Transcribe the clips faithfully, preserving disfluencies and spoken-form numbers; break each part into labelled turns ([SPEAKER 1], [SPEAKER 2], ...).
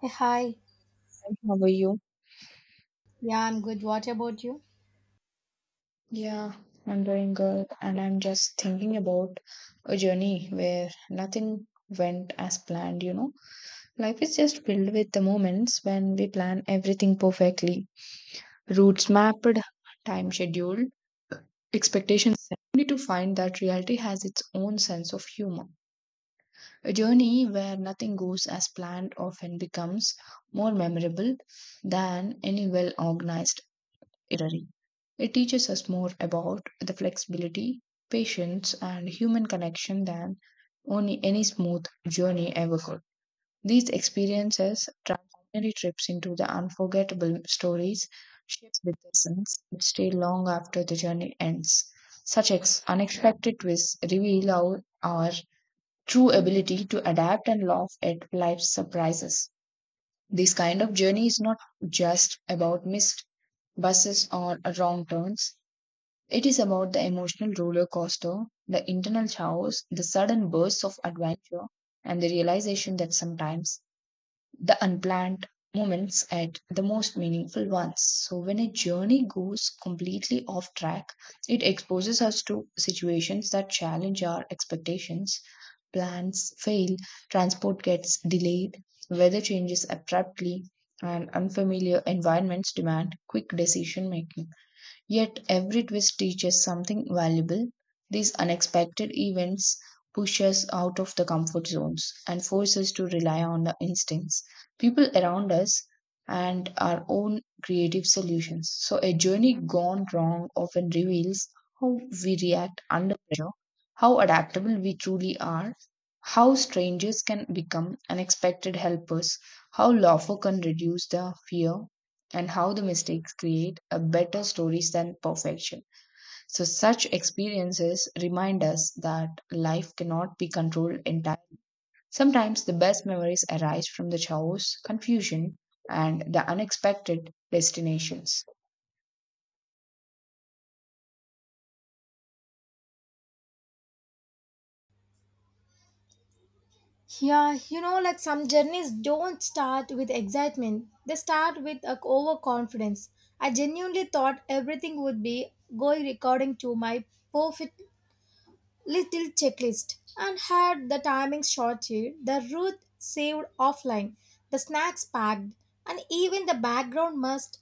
[SPEAKER 1] Hey, hi.
[SPEAKER 2] And how are you?
[SPEAKER 1] Yeah, I'm good. What about you?
[SPEAKER 2] Yeah, I'm doing good, and I'm just thinking about a journey where nothing went as planned, you know. Life is just filled with the moments when we plan everything perfectly. Routes mapped, time scheduled, expectations set, only to find that reality has its own sense of humor. A journey where nothing goes as planned often becomes more memorable than any well organized Irari. It teaches us more about the flexibility, patience, and human connection than only any smooth journey ever could. These experiences transform ordinary trips into the unforgettable stories shaped with lessons that stay long after the journey ends. Such ex- unexpected twists reveal our, our true ability to adapt and laugh at life's surprises. This kind of journey is not just about missed buses or wrong turns. It is about the emotional roller coaster, the internal chaos, the sudden bursts of adventure, and the realization that sometimes the unplanned moments are the most meaningful ones. So, when a journey goes completely off track, it exposes us to situations that challenge our expectations. Plans fail, transport gets delayed, weather changes abruptly, and unfamiliar environments demand quick decision making. Yet every twist teaches something valuable. These unexpected events push us out of the comfort zones and force us to rely on the instincts, people around us, and our own creative solutions. So, a journey gone wrong often reveals how we react under pressure, how adaptable we truly are, how strangers can become unexpected helpers, how laughter can reduce the fear, and how the mistakes create a better stories than perfection. So such experiences remind us that life cannot be controlled entirely. Sometimes the best memories arise from the chaos, confusion, and the unexpected destinations.
[SPEAKER 1] Yeah, you know, like some journeys don't start with excitement. They start with a overconfidence. I genuinely thought everything would be going according to my perfect little checklist and had the timing shorted, the route saved offline, the snacks packed, and even the background must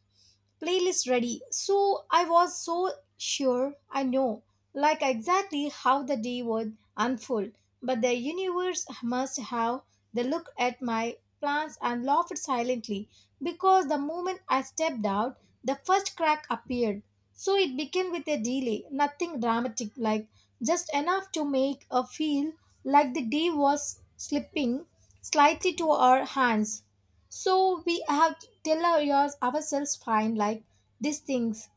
[SPEAKER 1] playlist ready. So I was so sure I know, like exactly how the day would unfold. But the universe must have the look at my plans and laughed silently because the moment I stepped out, the first crack appeared. So it began with a delay, nothing dramatic, like just enough to make her feel like the day was slipping slightly to our hands. So we have to tell our, yours- ourselves fine like these things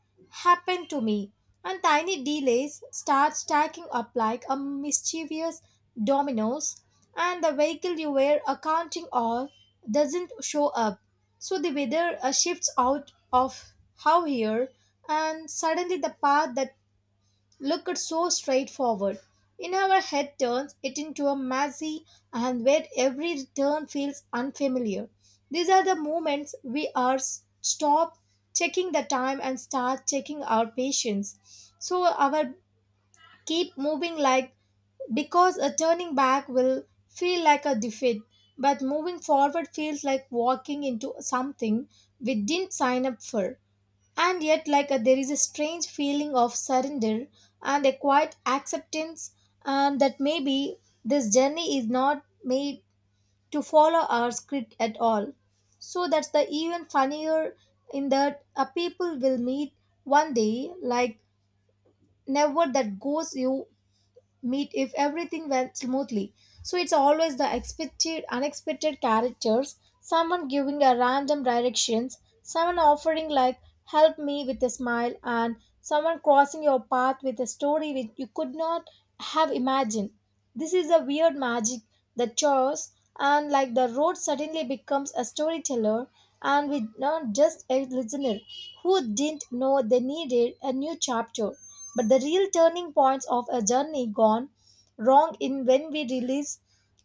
[SPEAKER 1] happen to me, and tiny delays start stacking up like a mischievous dominoes, and the vehicle you were accounting on doesn't show up. So the weather uh, shifts out of how here, and suddenly the path that looked so straightforward. In our head turns it into a messy and where every turn feels unfamiliar. These are the moments we are s- stop checking the time and start checking our patience. So our keep moving like because a turning back will feel like a defeat, but moving forward feels like walking into something we didn't sign up for. And yet, like a, there is a strange feeling of surrender and a quiet acceptance and that maybe this journey is not made to follow our script at all. So that's the even funnier in that a people will meet one day like never that goes you meet if everything went smoothly. So it's always the expected, unexpected characters, someone giving a random directions, someone offering like help me with a smile, and someone crossing your path with a story which you could not have imagined. This is a weird magic that chores and like the road suddenly becomes a storyteller, and we not just a listener who didn't know they needed a new chapter. But the real turning points of a journey gone wrong in when we release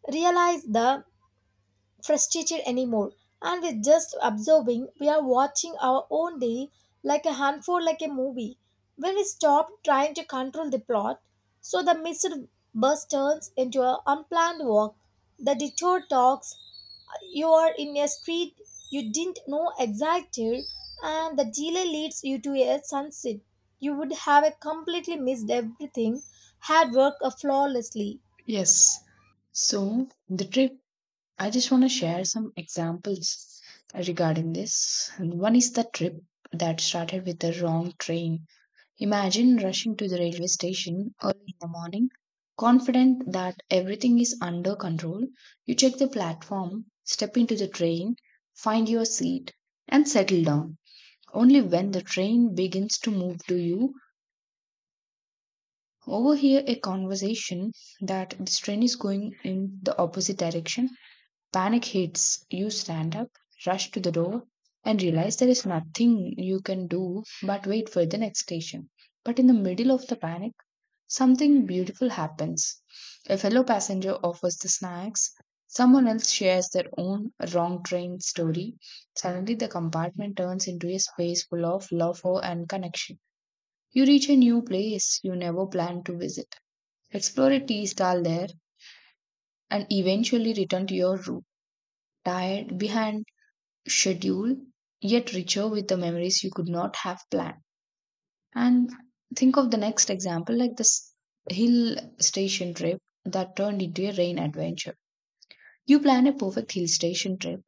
[SPEAKER 1] realize the frustrated anymore. And with just observing, we are watching our own day like a unfold like a movie. When we stop trying to control the plot, so the missed bus turns into an unplanned walk. The detour talks. You are in a street you didn't know existed, and the delay leads you to a sunset. You would have completely missed everything had worked flawlessly.
[SPEAKER 2] Yes. So the trip, I just want to share some examples regarding this. One is the trip that started with the wrong train. Imagine rushing to the railway station early in the morning, confident that everything is under control. You check the platform, step into the train, find your seat, and settle down. Only when the train begins to move do you overhear a conversation that this train is going in the opposite direction. Panic hits, you stand up, rush to the door, and realize there is nothing you can do but wait for the next station. But in the middle of the panic, something beautiful happens. A fellow passenger offers the snacks, someone else shares their own wrong train story. Suddenly, the compartment turns into a space full of love and connection. You reach a new place you never planned to visit, explore a tea stall there, and eventually return to your room, tired, behind schedule, yet richer with the memories you could not have planned. And think of the next example, like this hill station trip that turned into a rain adventure. You plan a perfect hill station trip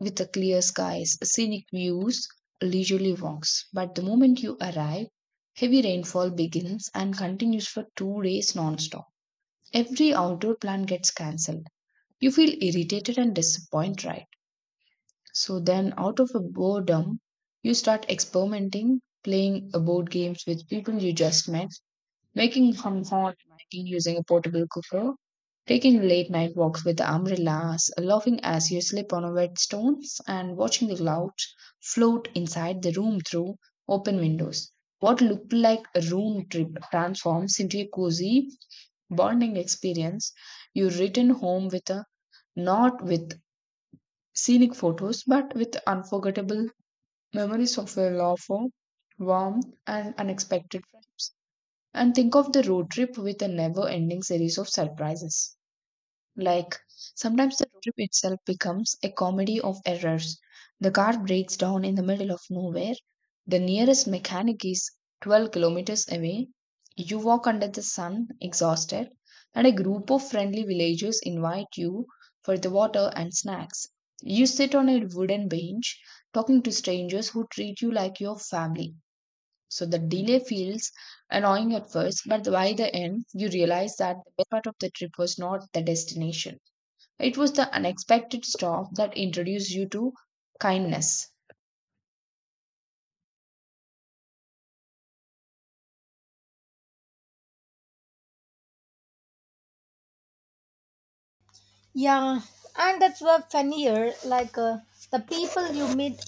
[SPEAKER 2] with the clear skies, scenic views, leisurely walks. But the moment you arrive, heavy rainfall begins and continues for two days non-stop. Every outdoor plan gets cancelled. You feel irritated and disappointed, right? So then, out of a boredom, you start experimenting, playing uh, board games with people you just met, making some hot tea using a portable cooker, taking late night walks with umbrellas, laughing as you slip on a wet stones, and watching the clouds float inside the room through open windows. What looked like a room trip transforms into a cozy, bonding experience. You return home with a, not with scenic photos, but with unforgettable memories of a laugher, warm, and unexpected friends. And think of the road trip with a never ending series of surprises. Like, sometimes the road trip itself becomes a comedy of errors. The car breaks down in the middle of nowhere. The nearest mechanic is twelve kilometers away. You walk under the sun, exhausted, and a group of friendly villagers invite you for the water and snacks. You sit on a wooden bench, talking to strangers who treat you like your family. So the delay feels annoying at first, but by the end, you realize that the best part of the trip was not the destination, it was the unexpected stop that introduced you to kindness.
[SPEAKER 1] Yeah, and that's what funnier. Like uh, the people you meet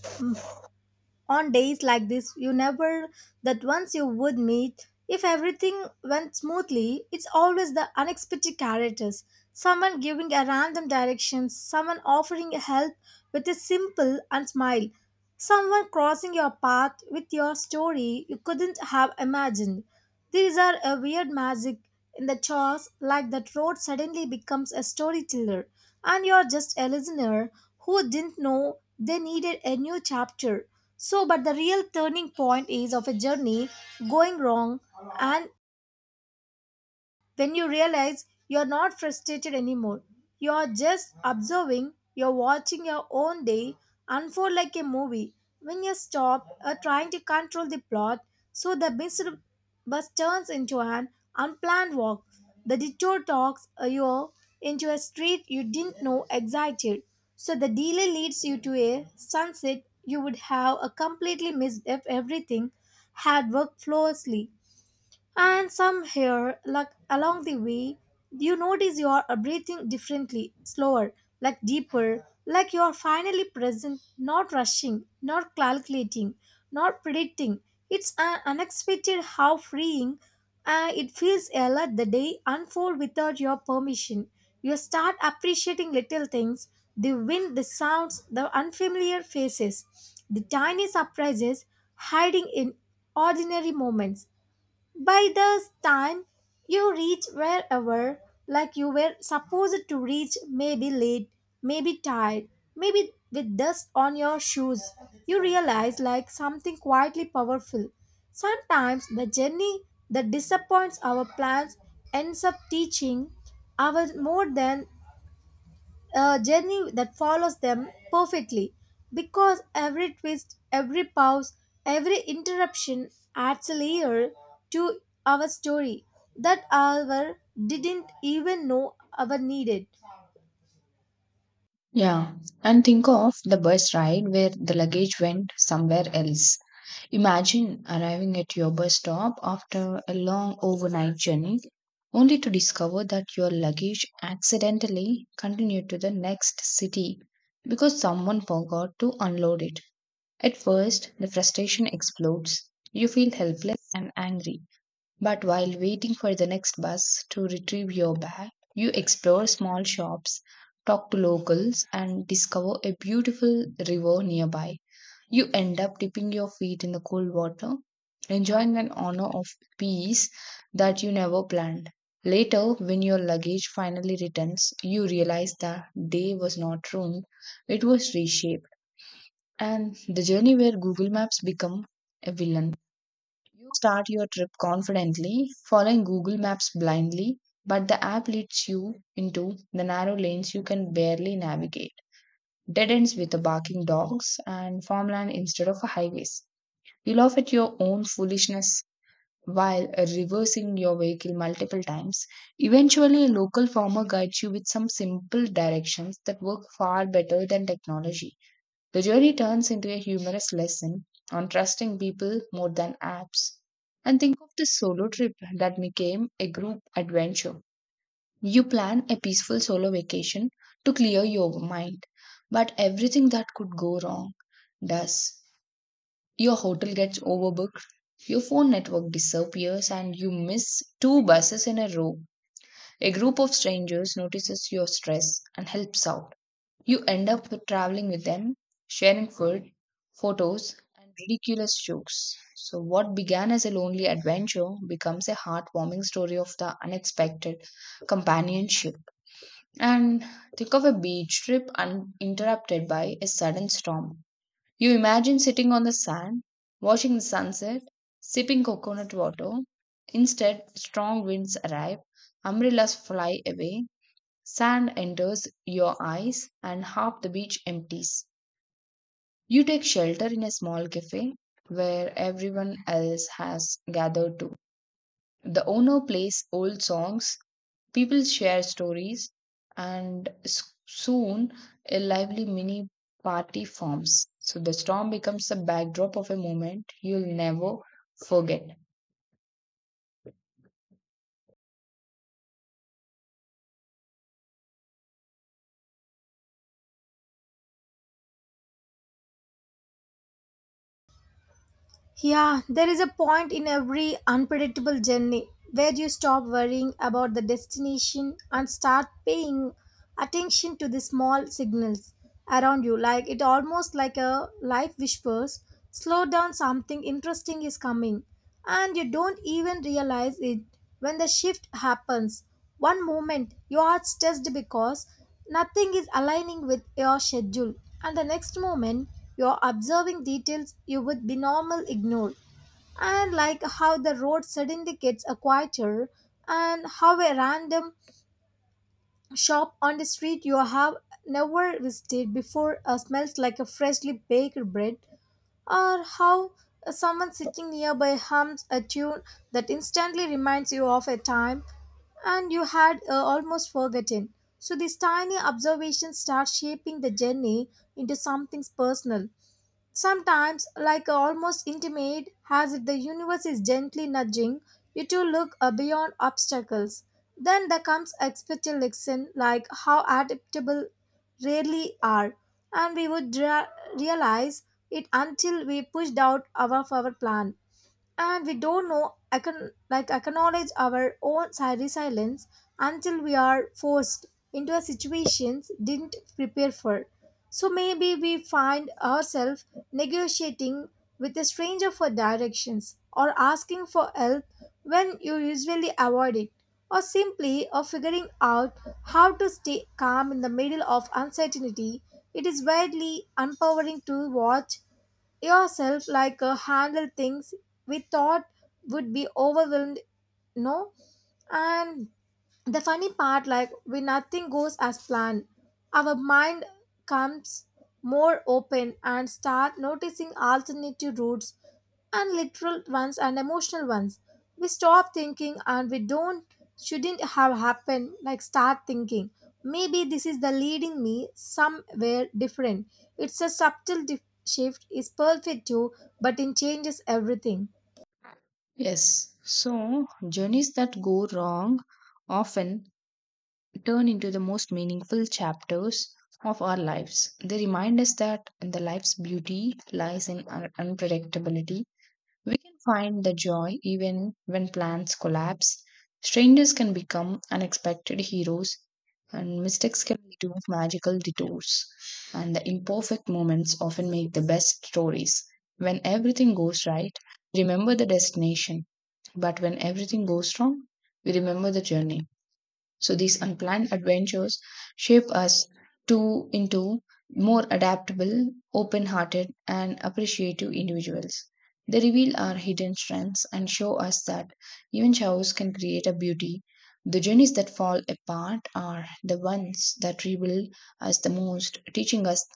[SPEAKER 1] on days like this, you never that once you would meet. If everything went smoothly, it's always the unexpected characters. Someone giving a random direction, someone offering help with a simple and smile, someone crossing your path with your story you couldn't have imagined. These are a weird magic in the chores, like that road suddenly becomes a storyteller, and you're just a listener who didn't know they needed a new chapter. So, but the real turning point is of a journey going wrong, and then you realize you're not frustrated anymore. You're just observing, you're watching your own day unfold like a movie. When you stop uh, trying to control the plot, so the missed bus turns into an unplanned walk. The detour talks uh, you into a street you didn't know existed. So the delay leads you to a sunset you would have a completely missed if everything had worked flawlessly. And somewhere, like along the way, you notice you are uh, breathing differently, slower, like deeper, like you are finally present, not rushing, not calculating, not predicting. It's uh, unexpected how freeing uh, it feels uh, let the day unfold without your permission. You start appreciating little things, the wind, the sounds, the unfamiliar faces, the tiny surprises hiding in ordinary moments. By the time you reach wherever, like you were supposed to reach, maybe late, maybe tired, maybe with dust on your shoes, you realize like something quietly powerful. Sometimes the journey that disappoints our plans ends up teaching us more than a journey that follows them perfectly, because every twist, every pause, every interruption adds a layer to our story that our didn't even know our needed.
[SPEAKER 2] Yeah. And think of the bus ride where the luggage went somewhere else. Imagine arriving at your bus stop after a long overnight journey only to discover that your luggage accidentally continued to the next city because someone forgot to unload it. At first, the frustration explodes. You feel helpless and angry. But while waiting for the next bus to retrieve your bag, you explore small shops, talk to locals, and discover a beautiful river nearby. You end up dipping your feet in the cold water, enjoying an honor of peace that you never planned. Later, when your luggage finally returns, you realize the day was not ruined, it was reshaped. And the journey where Google Maps become a villain. You start your trip confidently, following Google Maps blindly, but the app leads you into the narrow lanes you can barely navigate, dead ends with the barking dogs, and farmland instead of highways. You laugh at your own foolishness while reversing your vehicle multiple times. Eventually, a local farmer guides you with some simple directions that work far better than technology. The journey turns into a humorous lesson on trusting people more than apps. And think of the solo trip that became a group adventure. You plan a peaceful solo vacation to clear your mind, but everything that could go wrong does. Your hotel gets overbooked, your phone network disappears, and you miss two buses in a row. A group of strangers notices your stress and helps out. You end up with traveling with them, sharing food, photos, and ridiculous jokes. So, what began as a lonely adventure becomes a heartwarming story of the unexpected companionship. And think of a beach trip uninterrupted by a sudden storm. You imagine sitting on the sand, watching the sunset, sipping coconut water. Instead, strong winds arrive, umbrellas fly away, sand enters your eyes and half the beach empties. You take shelter in a small cafe where everyone else has gathered too. The owner plays old songs, people share stories, and s- soon a lively mini party forms. So the storm becomes the backdrop of a moment you'll never forget.
[SPEAKER 1] Yeah, there is a point in every unpredictable journey where you stop worrying about the destination and start paying attention to the small signals around you. Like it almost like a life whispers, slow down, something interesting is coming, and you don't even realize it when the shift happens. One moment you are stressed because nothing is aligning with your schedule, and the next moment you are observing details you would be normal ignore. And like how the road suddenly gets a quieter, and how a random shop on the street you have never visited before uh, smells like a freshly baked bread, or how someone sitting nearby hums a tune that instantly reminds you of a time and you had uh, almost forgotten. So these tiny observations start shaping the journey into something personal. Sometimes, like uh, almost intimate, as if the universe is gently nudging you to look uh, beyond obstacles. Then there comes expected lesson like how adaptable rarely are, and we would dra- realize it until we pushed out our, of our plan, and we don't know econ- like acknowledge our own si- resilience until we are forced into a situations didn't prepare for. So maybe we find ourselves negotiating with a stranger for directions, or asking for help when you usually avoid it, or simply of figuring out how to stay calm in the middle of uncertainty. It is widely empowering to watch yourself like uh, handle things we thought would be overwhelmed. No, and the funny part, like when nothing goes as planned, our mind comes more open and start noticing alternative routes, and literal ones, and emotional ones. We stop thinking and we don't shouldn't have happened like start thinking, maybe this is the leading me somewhere different. It's a subtle dif- shift is perfect too, but it changes everything.
[SPEAKER 2] Yes, so journeys that go wrong often turn into the most meaningful chapters of our lives. They remind us that the life's beauty lies in un- unpredictability. We can find the joy even when plans collapse. Strangers can become unexpected heroes, and mistakes can lead to magical detours. And the imperfect moments often make the best stories. When everything goes right, remember the destination, but when everything goes wrong, we remember the journey. So these unplanned adventures shape us to into more adaptable, open-hearted, and appreciative individuals. They reveal our hidden strengths and show us that even chaos can create a beauty. The journeys that fall apart are the ones that rebuild us the most, teaching us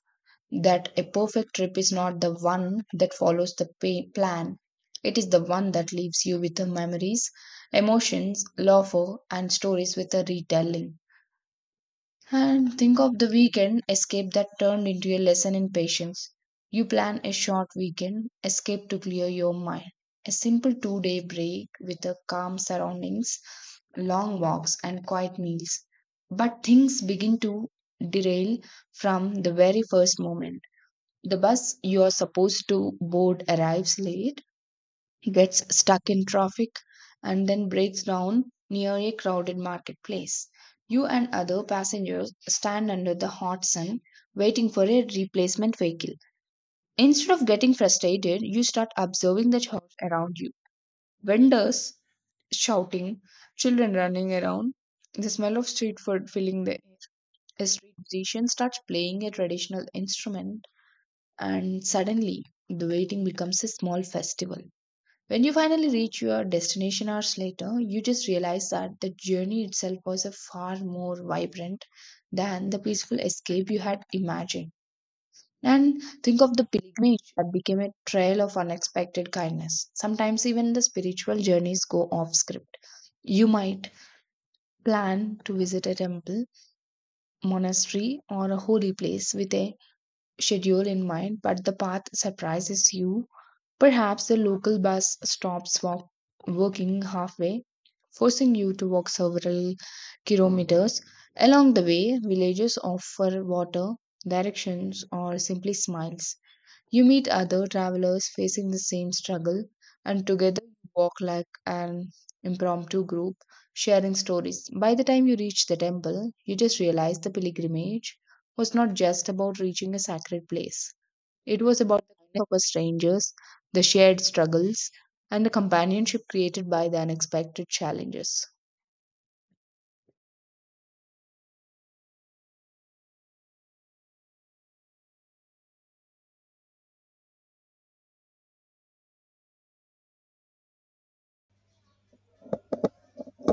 [SPEAKER 2] that a perfect trip is not the one that follows the pa- plan. It is the one that leaves you with the memories, emotions, laughter, and stories with a retelling. And think of the weekend escape that turned into a lesson in patience. You plan a short weekend escape to clear your mind, a simple two day break with the calm surroundings, long walks, and quiet meals. But things begin to derail from the very first moment. The bus you are supposed to board arrives late, gets stuck in traffic, and then breaks down near a crowded marketplace. You and other passengers stand under the hot sun waiting for a replacement vehicle. Instead of getting frustrated, you start observing the chaos around you. Vendors shouting, children running around, the smell of street food filling the air. A street musician starts playing a traditional instrument and suddenly the waiting becomes a small festival. When you finally reach your destination hours later, you just realize that the journey itself was a far more vibrant than the peaceful escape you had imagined. And think of the pilgrimage that became a trail of unexpected kindness. Sometimes even the spiritual journeys go off script. You might plan to visit a temple, monastery, or a holy place with a schedule in mind, but the path surprises you. Perhaps the local bus stops walk- working halfway, forcing you to walk several kilometers. Along the way, villagers offer water, directions, or simply smiles. You meet other travelers facing the same struggle, and together you walk like an impromptu group, sharing stories. By the time you reach the temple, you just realize the pilgrimage was not just about reaching a sacred place. It was about the kindness of us strangers, the shared struggles, and the companionship created by the unexpected challenges.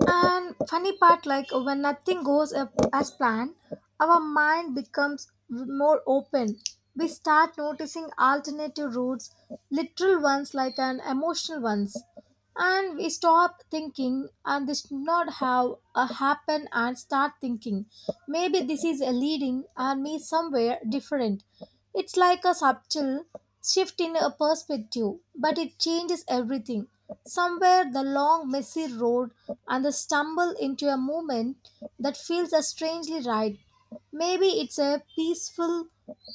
[SPEAKER 1] And funny part, like when nothing goes up as planned, our mind becomes more open. We start noticing alternative routes, literal ones like an emotional ones, and we stop thinking and this should not have a happen and start thinking. Maybe this is a leading and me somewhere different. It's like a subtle shift in a perspective, but it changes everything. Somewhere the long, messy road and the stumble into a moment that feels a strangely right. Maybe it's a peaceful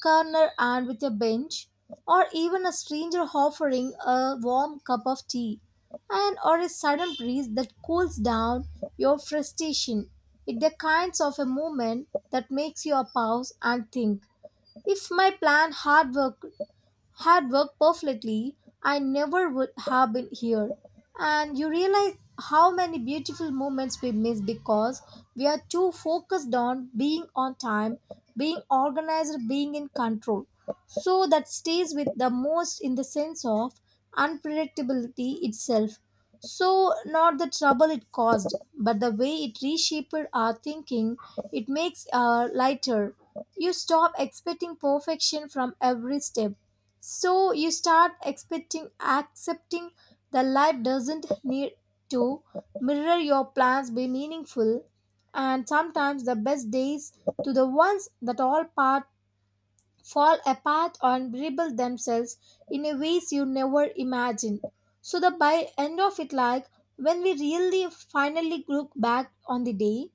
[SPEAKER 1] corner and with a bench, or even a stranger offering a warm cup of tea, and or a sudden breeze that cools down your frustration. It's the kinds of a moment that makes you a pause and think. It's my plan hard work had worked perfectly, I never would have been here. And you realize how many beautiful moments we miss because we are too focused on being on time, being organized, being in control. So that stays with the most in the sense of unpredictability itself. So, not the trouble it caused, but the way it reshaped our thinking, it makes our lighter. You stop expecting perfection from every step, so you start expecting accepting that life doesn't need to mirror your plans be meaningful, and sometimes the best days to the ones that all part fall apart and rebuild themselves in a ways you never imagined. So the by end of it, like when we really finally look back on the day,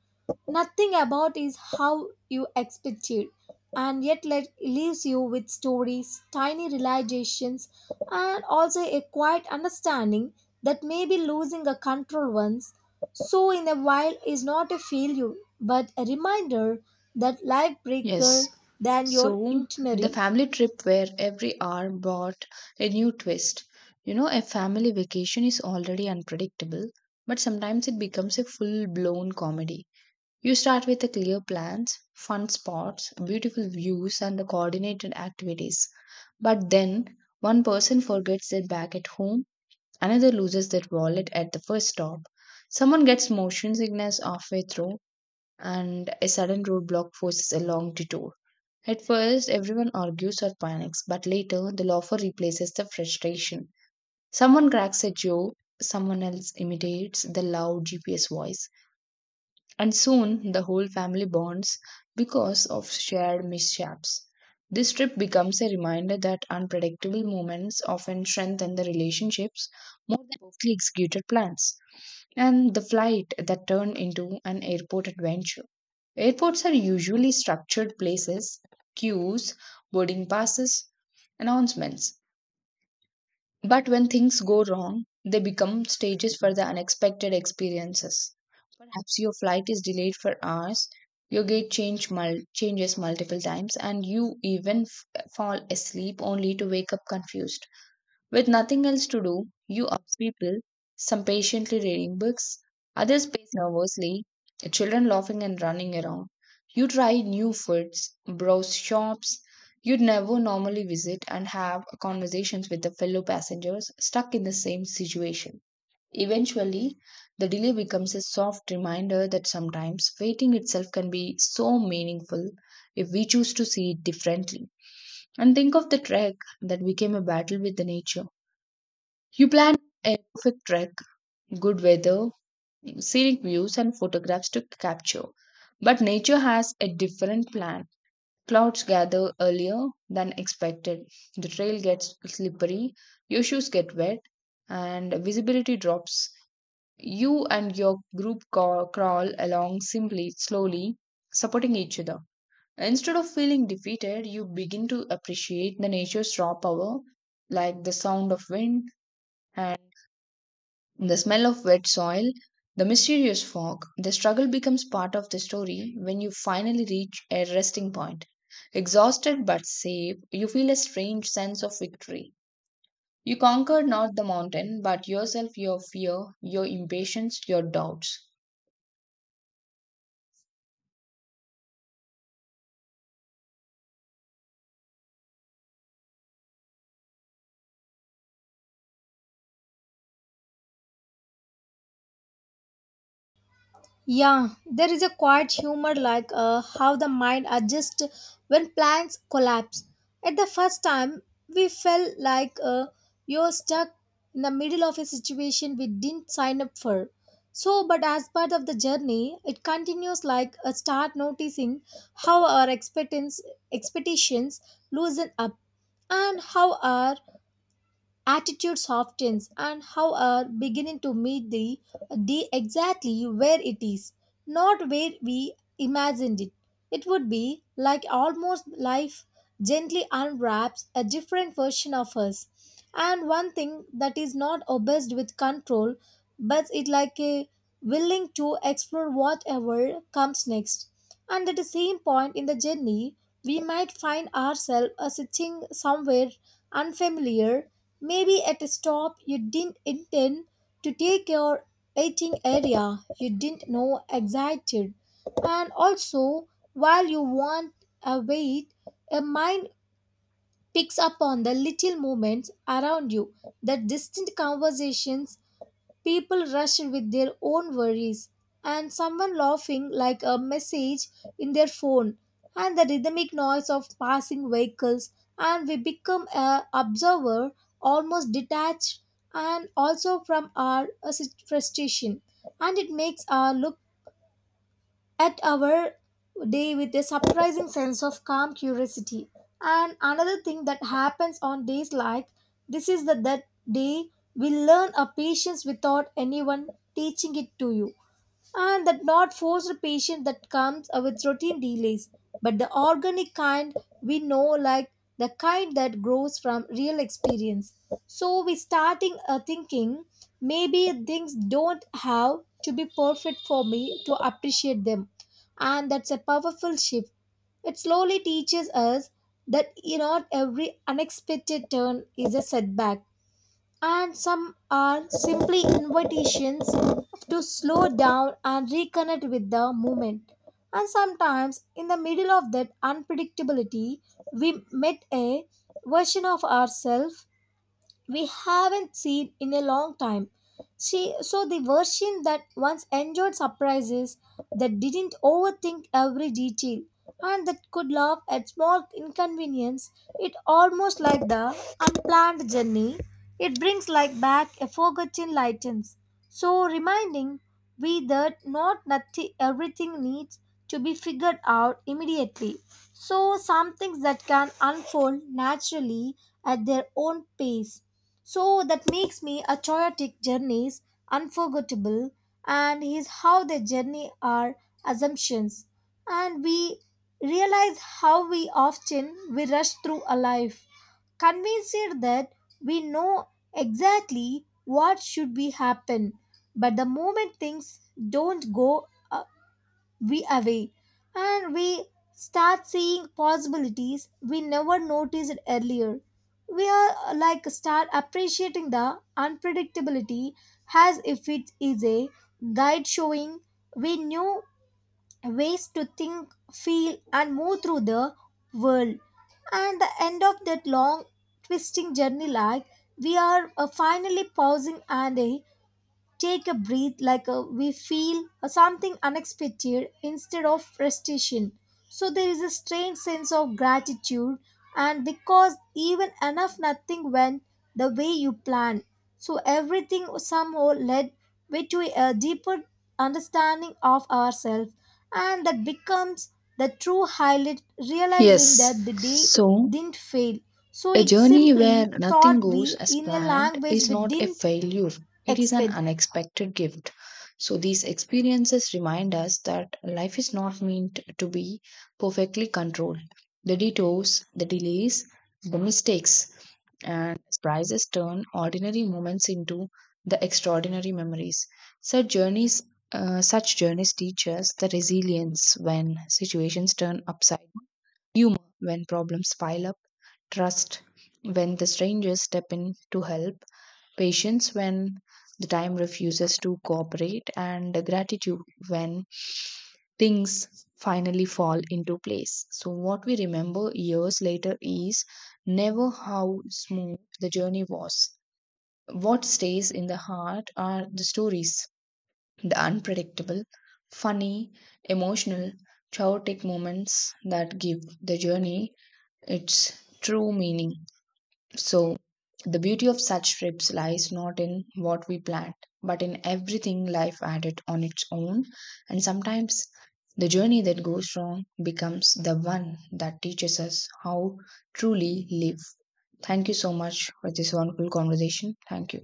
[SPEAKER 1] nothing about is how you expected, and yet let leaves you with stories, tiny realizations, and also a quiet understanding that maybe losing a control once so in a while is not a failure but a reminder that life bigger
[SPEAKER 2] Yes,
[SPEAKER 1] than your
[SPEAKER 2] so the
[SPEAKER 1] itinerary.
[SPEAKER 2] family trip where every hour brought a new twist. You know, a family vacation is already unpredictable, but sometimes it becomes a full blown comedy. You start with the clear plans, fun spots, beautiful views, and the coordinated activities. But then one person forgets their bag at home. Another loses their wallet at the first stop. Someone gets motion sickness halfway through, and a sudden roadblock forces a long detour. At first, everyone argues or panics, but later the laughter replaces the frustration. Someone cracks a joke, someone else imitates the loud G P S voice. And soon the whole family bonds because of shared mishaps. This trip becomes a reminder that unpredictable moments often strengthen the relationships more than perfectly executed plans. And the flight that turned into an airport adventure. Airports are usually structured places, queues, boarding passes, announcements. But when things go wrong, they become stages for the unexpected experiences. Perhaps your flight is delayed for hours, your gate change mul- changes multiple times, and you even f- fall asleep only to wake up confused. With nothing else to do, you observe people, some patiently reading books, others pace nervously, children laughing and running around. You try new foods, browse shops you'd never normally visit, and have conversations with the fellow passengers stuck in the same situation. Eventually, the delay becomes a soft reminder that sometimes waiting itself can be so meaningful if we choose to see it differently. And think of the trek that became a battle with the nature. You plan a perfect trek, good weather, scenic views, and photographs to capture. But nature has a different plan. Clouds gather earlier than expected. The trail gets slippery, your shoes get wet, and visibility drops. You and your group ca- crawl along simply, slowly, supporting each other. Instead of feeling defeated, you begin to appreciate the nature's raw power, like the sound of wind and the smell of wet soil, the mysterious fog. The struggle becomes part of the story when you finally reach a resting point. Exhausted but safe, you feel a strange sense of victory. You conquered not the mountain, but yourself, your fear, your impatience, your doubts.
[SPEAKER 1] Yeah, there is a quiet humor like uh, how the mind adjusts when plans collapse. At the first time, we felt like uh, you're stuck in the middle of a situation we didn't sign up for. So, but as part of the journey, it continues like a start noticing how our expectance, expectations loosen up, and how our attitude softens, and how are beginning to meet the D exactly where it is, not where we imagined it. It would be like almost life gently unwraps a different version of us. And one thing that is not obsessed with control, but it like a willing to explore whatever comes next. And at the same point in the journey, we might find ourselves uh, sitting somewhere unfamiliar. Maybe at a stop you didn't intend to take your waiting area you didn't know existed. And also, while you want a wait, a mind picks up on the little moments around you, the distant conversations, people rushed with their own worries, and someone laughing like a message in their phone, and the rhythmic noise of passing vehicles, and we become a observer almost detached and also from our uh, sit- frustration, and it makes our look at our day with a surprising sense of calm curiosity. And another thing that happens on days like this is that that day we learn a patience without anyone teaching it to you, and that not forced patient that comes uh, with routine delays, but the organic kind we know like the kind that grows from real experience. So we starting uh, thinking maybe things don't have to be perfect for me to appreciate them, and that's a powerful shift. It slowly teaches us that you know every unexpected turn is a setback, and some are simply invitations to slow down and reconnect with the moment. And sometimes, in the middle of that unpredictability, we met a version of ourselves we haven't seen in a long time. She, so the version that once enjoyed surprises, that didn't overthink every detail, and that could laugh at small inconvenience, it almost like the unplanned journey. It brings like back a forgotten lightens. So reminding we that not nothing everything needs to be figured out immediately. So some things that can unfold naturally at their own pace. So that makes me a chaotic journeys unforgettable, and is how they journey our assumptions, and we realize how we often we rush through a life convinced that we know exactly what should be happen, but the moment things don't go uh, we away, and we start seeing possibilities we never noticed earlier. We are uh, like start appreciating the unpredictability as if it is a guide showing we new ways to think feel and move through the world. And the end of that long twisting journey, like we are uh, finally pausing and uh, take a breath, like a, we feel uh, something unexpected instead of frustration. So there is a strange sense of gratitude and because even enough nothing went the way you planned, so everything somehow led way to a deeper understanding of ourselves, and that becomes the true highlight,
[SPEAKER 2] Yes,
[SPEAKER 1] realizing that the day
[SPEAKER 2] so
[SPEAKER 1] didn't fail, so
[SPEAKER 2] a
[SPEAKER 1] it
[SPEAKER 2] journey where
[SPEAKER 1] simply
[SPEAKER 2] nothing
[SPEAKER 1] taught
[SPEAKER 2] goes
[SPEAKER 1] we
[SPEAKER 2] as
[SPEAKER 1] in a
[SPEAKER 2] planned
[SPEAKER 1] language
[SPEAKER 2] is
[SPEAKER 1] we
[SPEAKER 2] not a
[SPEAKER 1] didn't
[SPEAKER 2] failure, it is an
[SPEAKER 1] expect.
[SPEAKER 2] unexpected gift. So, these experiences remind us that life is not meant to be perfectly controlled. The detours, the delays, the mistakes, and surprises turn ordinary moments into the extraordinary memories. Such journeys, uh, Such journeys teach us the resilience when situations turn upside, humor when problems pile up, trust when the strangers step in to help, patience when the time refuses to cooperate, and gratitude when things finally fall into place. So, what we remember years later is never how smooth the journey was. What stays in the heart are the stories, the unpredictable, funny, emotional, chaotic moments that give the journey its true meaning. So, the beauty of such trips lies not in what we planned, but in everything life added on its own. And sometimes the journey that goes wrong becomes the one that teaches us how truly live. Thank you so much for this wonderful conversation. Thank you.